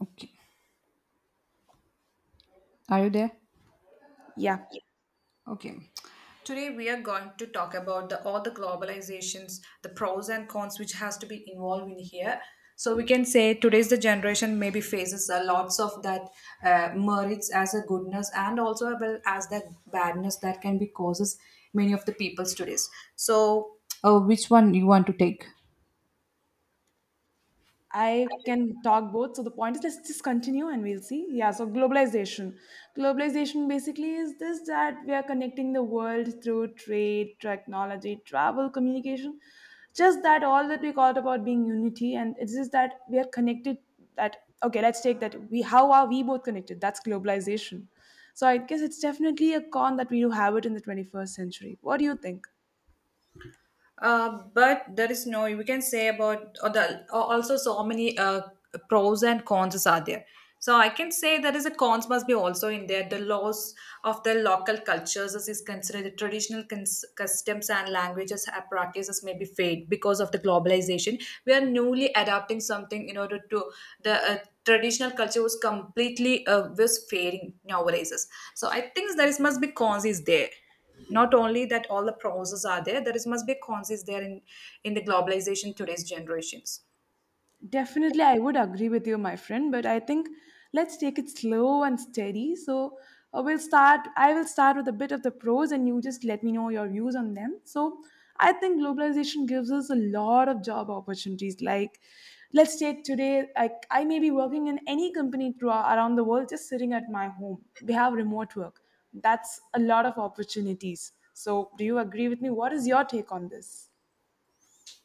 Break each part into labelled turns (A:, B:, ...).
A: Okay. Are you there?
B: Yeah,
A: Okay. Today we are going to talk about the all the globalizations, the pros and cons which has to be involved in here. So we can say today's the generation maybe faces a lots of that merits as a goodness and also well as that badness that can be causes many of the people's today's. So, which one you want to take?
B: I can talk both. So the point is, let's just continue and we'll see. Yeah, so globalization. Globalization basically is this that we are connecting the world through trade, technology, travel, communication. Just that all that we called about being unity, and it's just that we are connected. That okay, let's take that. We How are we both connected? That's globalization. So I guess it's definitely a con that we do have it in the 21st century. What do you think?
A: But there is no we can say about or the or also so many pros and cons are there. So I can say there is a cons must be also in there, the loss of the local cultures as is considered the traditional customs and languages and practices may be fade because of the globalization. We are newly adapting something in order to the traditional culture was completely was fading nowadays. So I think there is must be cons is there, not only that all the pros are there, there is must be cons is there in the globalization today's generations.
B: Definitely, I would agree with you, my friend, but I think let's take it slow and steady. So, we'll start. I will start with a bit of the pros, and you just let me know your views on them. So, I think globalization gives us a lot of job opportunities. Like, let's take today, like, I may be working in any company throughout around the world just sitting at my home. We have remote work, that's a lot of opportunities. So, do you agree with me? What is your take on this?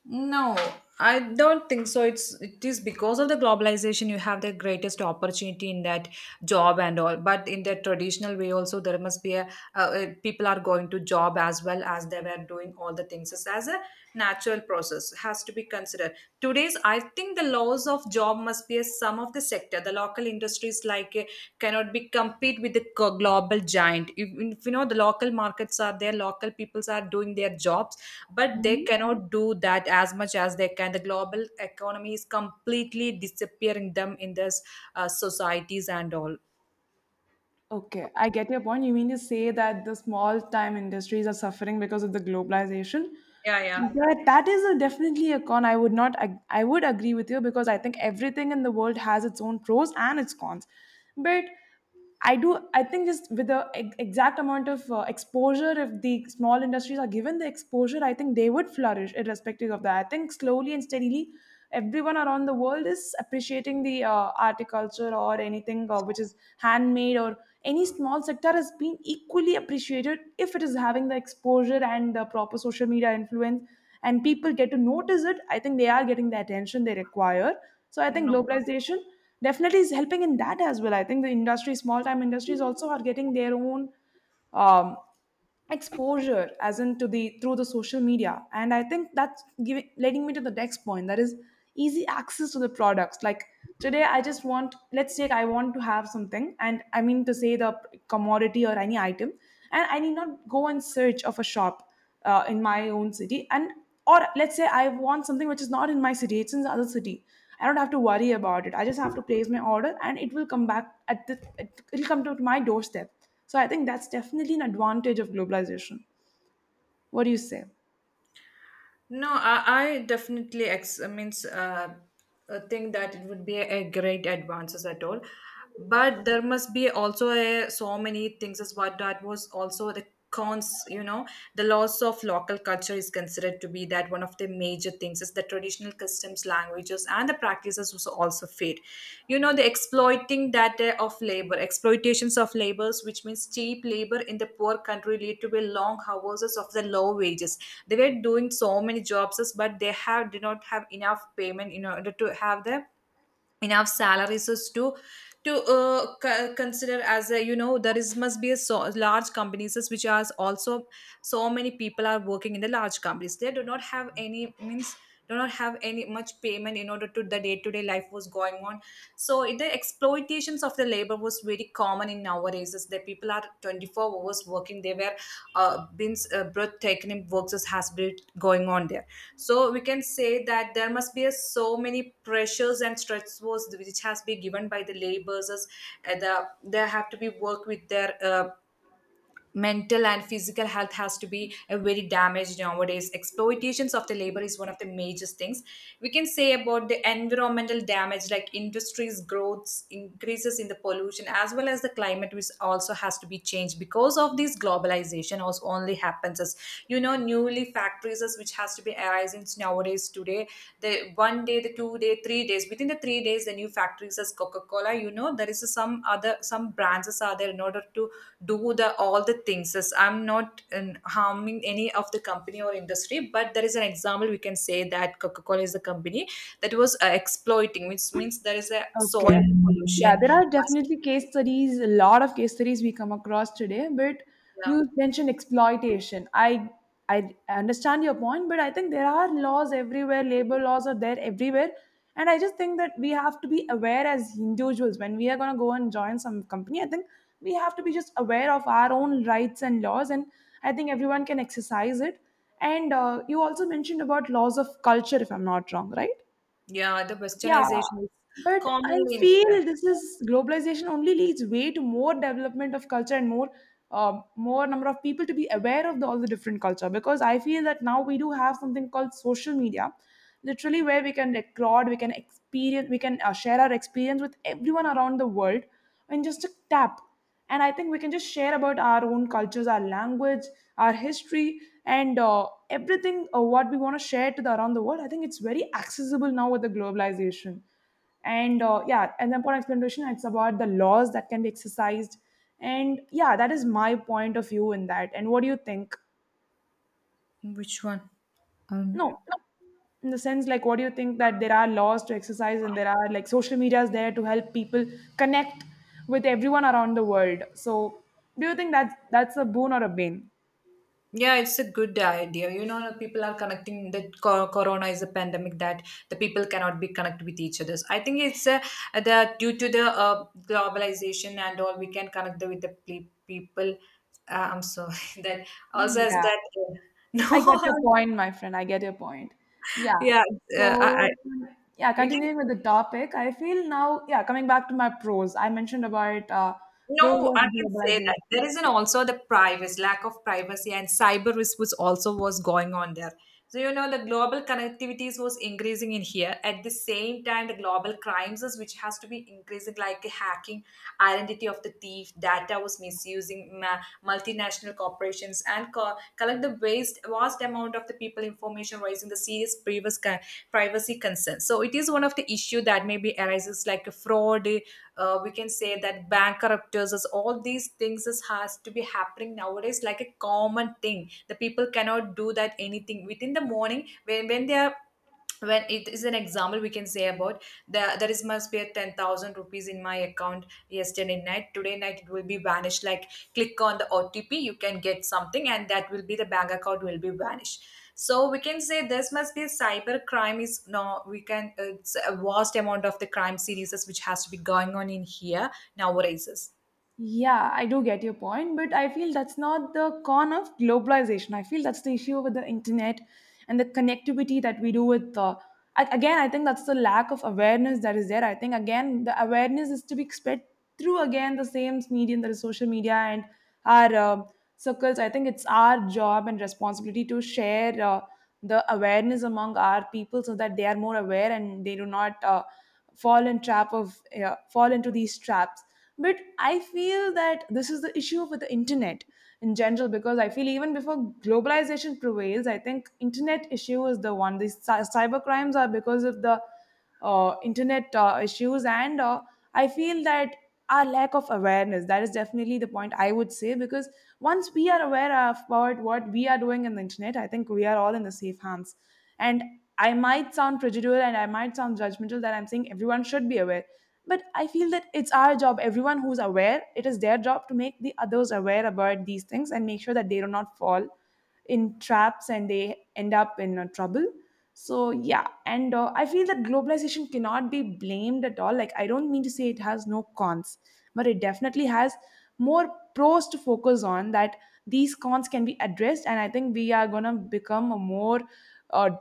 A: No, I don't think so. It is because of the globalization you have the greatest opportunity in that job and all. But in the traditional way also there must be a people are going to job as well as they were doing all the things. It's as a natural process has to be considered. Today's I think the laws of job must be a sum of the sector. The local industries like cannot be compete with the global giant. If you know, the local markets are there, local peoples are doing their jobs, but they cannot do that as much as they can, the global economy is completely disappearing them in this societies and all.
B: Okay, I get your point. You mean to say that the small time industries are suffering because of the globalization?
A: Yeah, yeah.
B: That is a definitely a con. I would not. I would agree with you because I think everything in the world has its own pros and its cons. But I do. I think just with the exact amount of exposure, if the small industries are given the exposure, I think they would flourish, irrespective of that. I think slowly and steadily everyone around the world is appreciating the articulture or anything which is handmade or any small sector has been equally appreciated if it is having the exposure and the proper social media influence, and people get to notice it. I think they are getting the attention they require. So I think
A: No,
B: globalization definitely is helping in that as well. I think the industry small time industries also are getting their own um, exposure as in to the through the social media, and I think that's giving leading me to the next point, that is easy access to the products. Like today, I just want let's take, I want to have something, and I mean to say the commodity or any item, and I need not go and search of a shop, in my own city. And or let's say I want something which is not in my city, it's in the other city. I don't have to worry about it. I just have to place my order and it will come back it'll come to my doorstep. So I think that's definitely an advantage of globalization. What do you say?
A: no, I definitely means think that it would be a great advances at all. But there must be also so many things as what that was also the cons, you know, the loss of local culture is considered to be that one of the major things is the traditional customs, languages, and the practices was also fade. You know, the exploiting data of labor, exploitations of labors, which means cheap labor in the poor country lead to a long hours of the low wages. They were doing so many jobs, but they have did not have enough payment in order to have the enough salaries is to consider as a, there is must be a so large companies is which are also so many people are working in the large companies. They do not have any means, do not have any much payment in order to the day-to-day life was going on. So it- the exploitations of the labor was very common in nowadays is that people are 24 hours working. They were been breathtaking works has been going on there. So we can say that there must be so many pressures and stressors which has been given by the laborers, they have to be work with their mental and physical health has to be very damaged nowadays. Exploitations of the labor is one of the major things. We can say about the environmental damage, like industries growths increases in the pollution as well as the climate, which also has to be changed because of this globalization also only happens as, you know, newly factories as which has to be arising nowadays to today, the one day, the 2 day 3 days within the 3 days, the new factories as coca-cola, you know, there is some other some brands as are there in order to do the all the things as I'm not harming any of the company or industry. But there is an example we can say that coca-cola is the company that was exploiting, which means there is a
B: Okay.
A: soil
B: Yeah,
A: pollution.
B: there are definitely case studies, a lot of case studies we come across today, but
A: Yeah,
B: you mentioned exploitation. I understand your point, but I think there are laws everywhere, labor laws are there everywhere. And I just think that we have to be aware as individuals when we are gonna go and join some company. I think we have to be just aware of our own rights and laws, and I think everyone can exercise it. And you also mentioned about laws of culture, if I'm not wrong, right?
A: yeah, the
B: Yeah,
A: westernization is
B: but I
A: commonly
B: feel
A: yeah.
B: this is globalization only leads way to more development of culture and more number of people to be aware of all the different culture, because I feel that now we do have something called social media, literally where we can record, we can experience, we can share our experience with everyone around the world in just a tap. And I think we can just share about our own cultures, our language, our history, and everything what we want to share to the around the world. I think it's very accessible now with the globalization. And yeah, and then for explanation, it's about the laws that can be exercised. And yeah, that is my point of view in that. And what do you think?
A: Which one? um,
B: No, in the sense like, what do you think that there are laws to exercise and there are like social media is there to help people connect with everyone around the world? So do you think that's a boon or a bane?
A: Yeah, it's a good idea. You know, people are connecting that corona is a pandemic that the people cannot be connected with each others. I think it's that due to the globalization and all, we can connect with the people. I'm sorry that also as
B: Yeah,
A: that
B: I get your
A: no,
B: point, my friend. I get your point. Yeah.
A: yeah,
B: So
A: uh, I, I,
B: yeah,
A: we can.
B: continuing with the topic, I feel now, yeah, coming back to my pros. I mentioned about
A: No,
B: pros
A: I
B: of
A: can say that
B: globalization.
A: there is an also the privacy, lack of privacy, and cyber risk was also was going on there. So, you know, the global connectivities was increasing in here. At the same time, the global crimes, is which has to be increasing, like hacking, identity of the thief, data was misusing, multinational corporations, and collect the waste, vast amount of the people information, raising the serious previous privacy concerns. So, it is one of the issue that maybe arises like a fraud. We can say that bankruptcies, all these things is, has to be happening nowadays, like a common thing. The people cannot do that anything within the morning when they are, when it is an example we can say about the, there is must be a 10,000 rupees in my account. Yesterday night, today night it will be vanished, like click on the otp, you can get something and that will be the bank account will be vanished. So we can say this must be cyber crime is, no, we can, it's a vast amount of the crime series which has to be going on in here nowadays.
B: Yeah, I do get your point, but I feel that's not the con of globalization. I feel that's the issue with the internet and the connectivity that we do with. Again, I think that's the lack of awareness that is there. I think again the awareness is to be spread through again the same medium, that is social media and our circles. I think it's our job and responsibility to share the awareness among our people so that they are more aware and they do not fall into these traps. But I feel that this is the issue with the internet in general, because I feel even before globalization prevails, I think internet issue is the one. These cyber crimes are because of the internet issues. And I feel that our lack of awareness, that is definitely the point I would say, because once we are aware of about what we are doing in the internet, I think we are all in the safe hands. And I might sound prejudicial and I might sound judgmental that I'm saying everyone should be aware. But I feel that it's our job, everyone who's aware, it is their job to make the others aware about these things and make sure that they do not fall in traps and they end up in trouble. So yeah, and I feel that globalization cannot be blamed at all. Like, I don't mean to say it has no cons, but it definitely has more pros to focus on. That these cons can be addressed, and I think we are going to become a more, uh,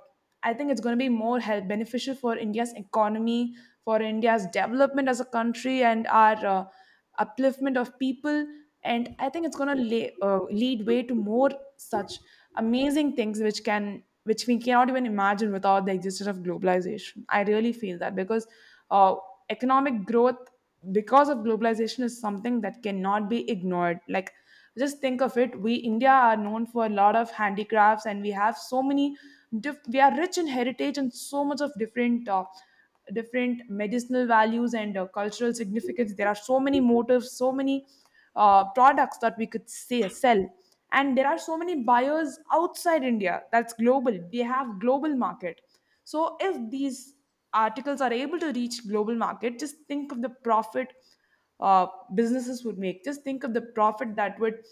B: I think it's going to be more help beneficial for India's economy, for India's development as a country, and our upliftment of people. And I think it's going to lead way to more such amazing things which we cannot even imagine without the existence of globalization. I really feel that, because uh, economic growth because of globalization is something that cannot be ignored. Like, just think of it, we India are known for a lot of handicrafts and we have we are rich in heritage and so much of different different medicinal values and cultural significance. There are so many motives, so many products that we could say, sell. And there are so many buyers outside India. That's global. We have global market. So if these articles are able to reach global market, just think of the profit uh, businesses would make. Just think of the profit that would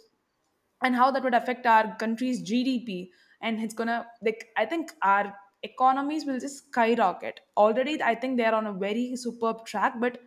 B: and how that would affect our country's GDP. And it's gonna like, I think our economies will just skyrocket. Already, I think they are on a very superb track. But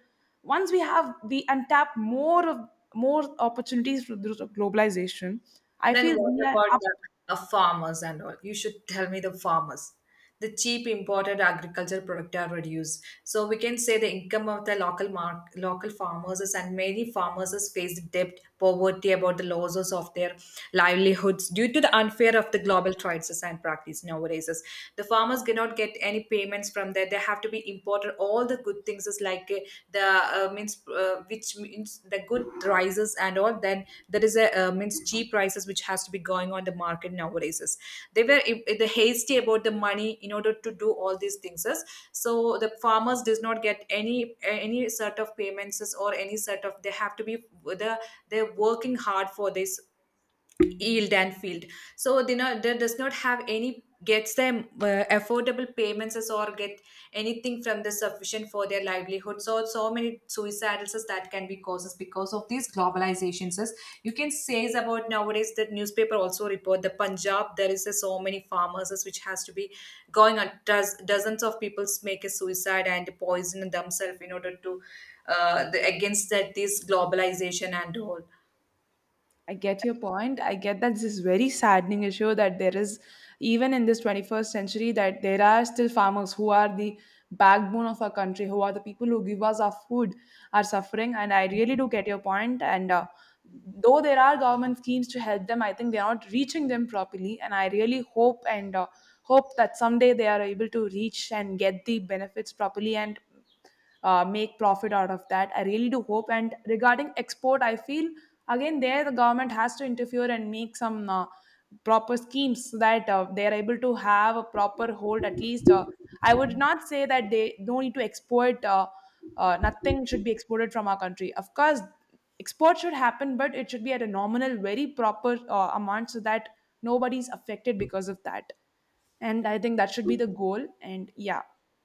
B: once we untap more opportunities through globalization, I
A: Then
B: feel
A: what
B: we are
A: about
B: up.
A: the farmers and all? You should tell me the farmers. The cheap imported agricultural product are reduced. So we can say the income of the local farmers is, and many farmers is faced debt, poverty about the losses of their livelihoods due to the unfair of the global trades and practice nowadays. Is The farmers cannot get any payments from there. They have to be important all the good things is like the means which means the good prices and all. Then there is a means cheap prices which has to be going on the market nowadays is. They were I- the hasty about the money in order to do all these things is. So the farmers does not get any sort of payments is or any sort of. They have to be, the they're working hard for this yield and field, so they not that does not have any gets them affordable payments as, or get anything from the sufficient for their livelihood. So so many suicides as that can be causes because of these globalizations as, you can say is, about nowadays that newspaper also report, the punjab there is so many farmers as which has to be going on, does dozens of people make a suicide and poison themselves in order to, against that this globalization and all.
B: I get your point. I get that this is very saddening issue that there is even in this 21st century that there are still farmers who are the backbone of our country, who are the people who give us our food, are suffering. And I really do get your point. And though there are government schemes to help them, I think they are not reaching them properly. And I really hope that someday they are able to reach and get the benefits properly and make profit out of that. I really do hope. And regarding export, I feel again there the government has to interfere and make some proper schemes, so that they are able to have a proper hold at least. I would not say that they don't need to export. Nothing should be exported from our country, of course. Export should happen, but it should be at a nominal, very proper amount, so that nobody's affected because of that. And I think that should be the goal. And yeah,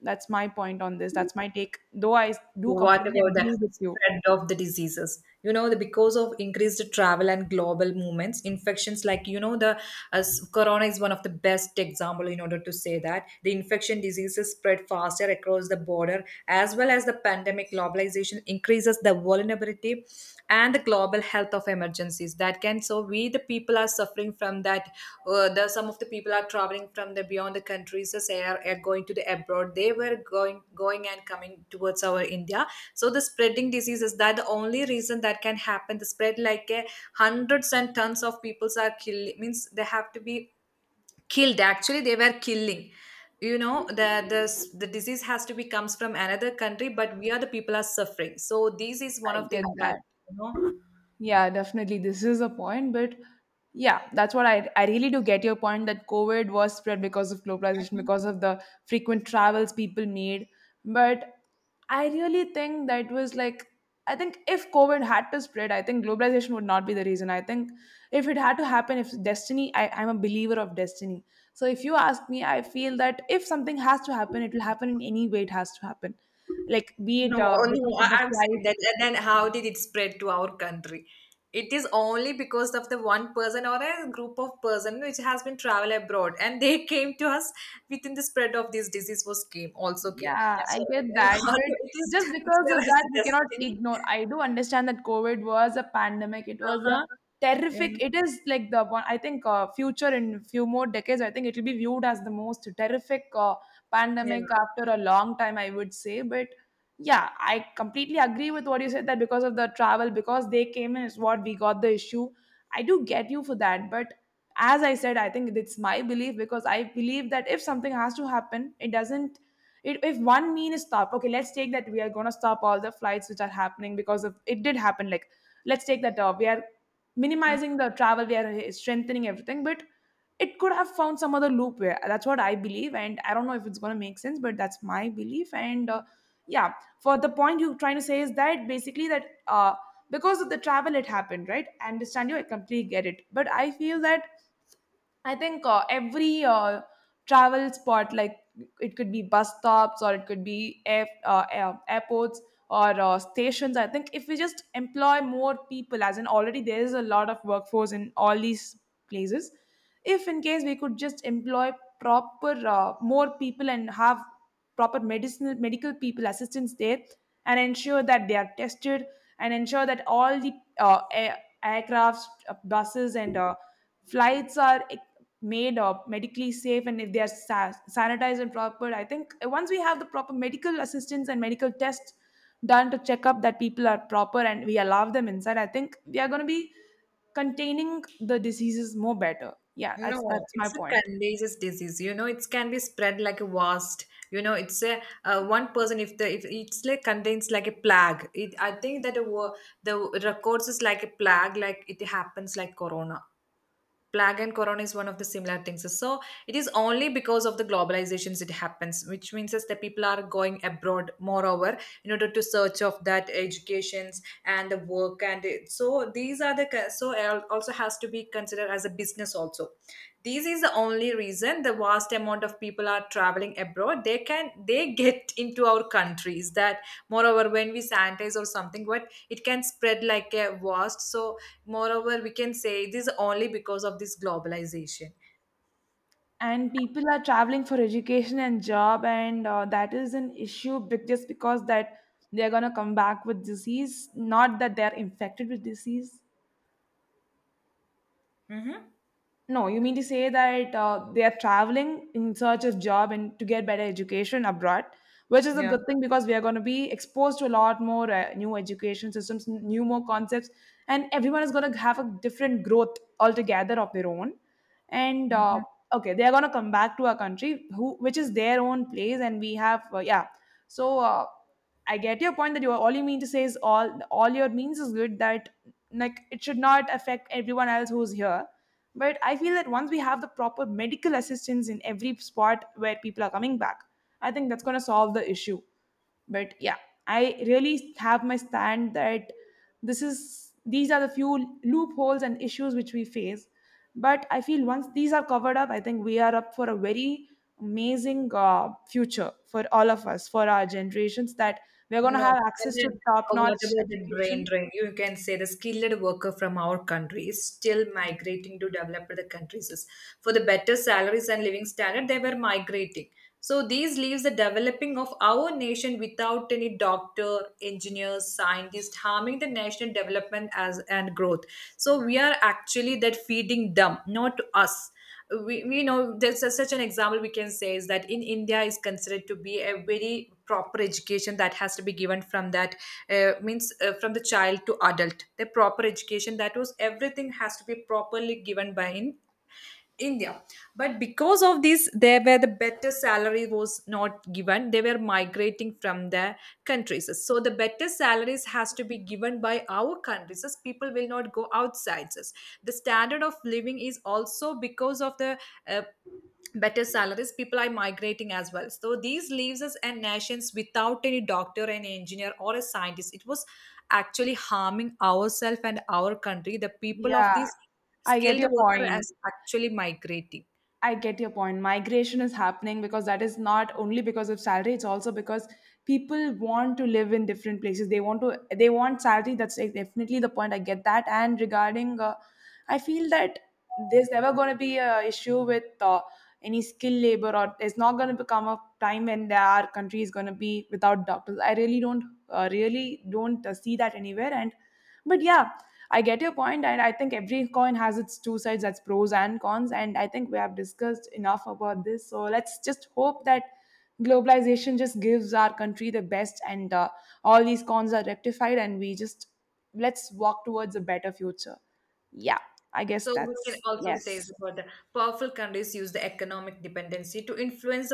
B: that's my point on this, that's my take, though I do
A: What
B: completely
A: about the
B: agree with you.
A: spread of the diseases? You know, the, because of increased travel and global movements, infections like, you know, the as corona is one of the best example in order to say that the infection diseases spread faster across the border as well as the pandemic. Globalization increases the vulnerability and the global health of emergencies that can, so we, the people are suffering from that. The some of the people are traveling from the beyond the countries as they are going to the abroad. They were going and coming towards our india. So the spreading disease is that the only reason that can happen, the spread like a hundreds and tons of peoples are killed, means they have to be killed, actually they were killing. You know, the disease has to be comes from another country, but we are, the people are suffering. So this is one
B: I
A: of the
B: get
A: impact,
B: that.
A: you know.
B: Yeah, definitely. This is a point, but yeah, that's what, I really do get your point that COVID was spread because of globalization, because of the frequent travels people made. But I really think that was like I think if COVID had to spread, I think globalization would not be the reason. I think if it had to happen, if destiny, I'm a believer of destiny. So if you ask me, I feel that if something has to happen, it will happen in any way it has to happen. Like be it
A: No,
B: because
A: no,
B: of the
A: I'm saying
B: flight.
A: that. And then how did it spread to our country? It is only because of the one person or a group of person which has been travel abroad, and they came to us within, the spread of this disease was came, also came.
B: Yeah,
A: Yeah.
B: I
A: So
B: get that.
A: then it
B: But
A: is
B: just because of
A: considered as
B: that,
A: a
B: we cannot
A: destiny.
B: ignore. I do understand that COVID was a pandemic. It
A: Uh
B: was a
A: huh.
B: terrific.
A: Yeah.
B: It is like the one, I think, future in few more decades, I think it will be viewed as the most terrific pandemic after a long time, I would say. But yeah, I completely agree with what you said that because of the travel, because they came in, is what we got the issue. I do get you for that. But as I said, I think it's my belief because I believe that if something has to happen, it doesn't it, if one mean is stopped, okay, let's take that we are going to stop all the flights which are happening because of it did happen like let's take that we are
A: Yeah.
B: minimizing the travel, we are strengthening everything. But it could have found some other loop, where that's what I believe and I don't know if it's going to make sense, but that's my belief and yeah. For the point you're trying to say is that basically that because of the travel it happened, right? I understand you, I completely get it, but I feel that I think every travel spot, like it could be bus stops or it could be airports or stations. I think if we just employ more people, as in already there is a lot of workforce in all these places, if in case we could just employ proper more people and have proper medicinal medical people assistance there, and ensure that they are tested, and ensure that all the uh, air, aircrafts, buses and flights are made or medically safe, and if they are sanitized and proper. I think once we have the proper medical assistance and medical tests done to check up that people are proper and we allow them inside, I think we are going to be containing the diseases more better. Yeah, that's
A: No,
B: that's my
A: it's a
B: point.
A: contagious disease. You know, it can be spread like a wasp. You know, it's a one person, if the, if it's like contains like a plague. It, I think that the the records is like a plague, like it happens like corona plague, and corona is one of the similar things. So it is only because of the globalizations it happens, which means is that people are going abroad moreover in order to search of that educations and the work and it, so these are the so also has to be considered as a business also. This is the only reason the vast amount of people are traveling abroad, they can they get into our countries that moreover when we sanitize or something, what it can spread like a vast, so, moreover, we can say this only because of this globalization.
B: And people are traveling for education and job and that is an issue just because that they're going to come back with disease, not that they're infected with disease.
A: Mm-hmm.
B: No, you mean to say that they are traveling in search of job and to get better education abroad, which is a
A: Yeah.
B: good thing, because we are going to be exposed to a lot more new education systems, new more concepts, and everyone is going to have a different growth altogether of their own. And
A: Mhm.
B: okay, they are going to come back to our country who which is their own place, and we have yeah. So I get your point that you are, all you mean to say is all your means is good, that like it should not affect everyone else who's here. But I feel that once we have the proper medical assistance in every spot where people are coming back, I think that's going to solve the issue. But yeah, I really have my stand that this is these are the few loopholes and issues which we face, but I feel once these are covered up, I think we are up for a very amazing future for all of us, for our generations, that we're going to
A: No,
B: have
A: and
B: access to
A: then,
B: top
A: what
B: notch
A: about the brain
B: education.
A: drain? You can say the skilled worker from our country is still migrating to developed the countries. For the better salaries and living standard, they were migrating. So these leaves the developing of our nation without any doctor, engineers, scientists, harming the national development as and growth. So we are actually that feeding them, not us. We know there's such an example we can say is that in india is considered to be a very proper education that has to be given from that, means from the child to adult, the proper education that was everything has to be properly given by in India. But because of this, there were the better salary was not given. They were migrating from their countries. So the better salaries has to be given by our countries, as people will not go outside us. The standard of living is also because of the uh, better salaries people are migrating as well, so these leaves us and nations without any doctor, an engineer or a scientist. It was actually harming ourselves and our country, the people of
B: Yeah,
A: these
B: I get
A: skilled
B: your
A: worker
B: point.
A: as actually migrating.
B: I get your point. Migration is happening because that is not only because of salary, it's also because people want to live in different places. They want salary. That's like definitely the point. I get that. And regarding I feel that there's never going to be a issue with any skilled labor, or there's not going to become a time when there our country is going to be without doctors. I really don't see that anywhere. And but yeah, I get your point, and I think every coin has its two sides, that's pros and cons. And I think we have discussed enough about this. So let's just hope that globalization just gives our country the best, and all these cons are rectified, and we just let's walk towards a better future. Yeah, I guess
A: So we can
B: that's
A: also say
B: yes.
A: about the powerful countries use the economic dependency to influence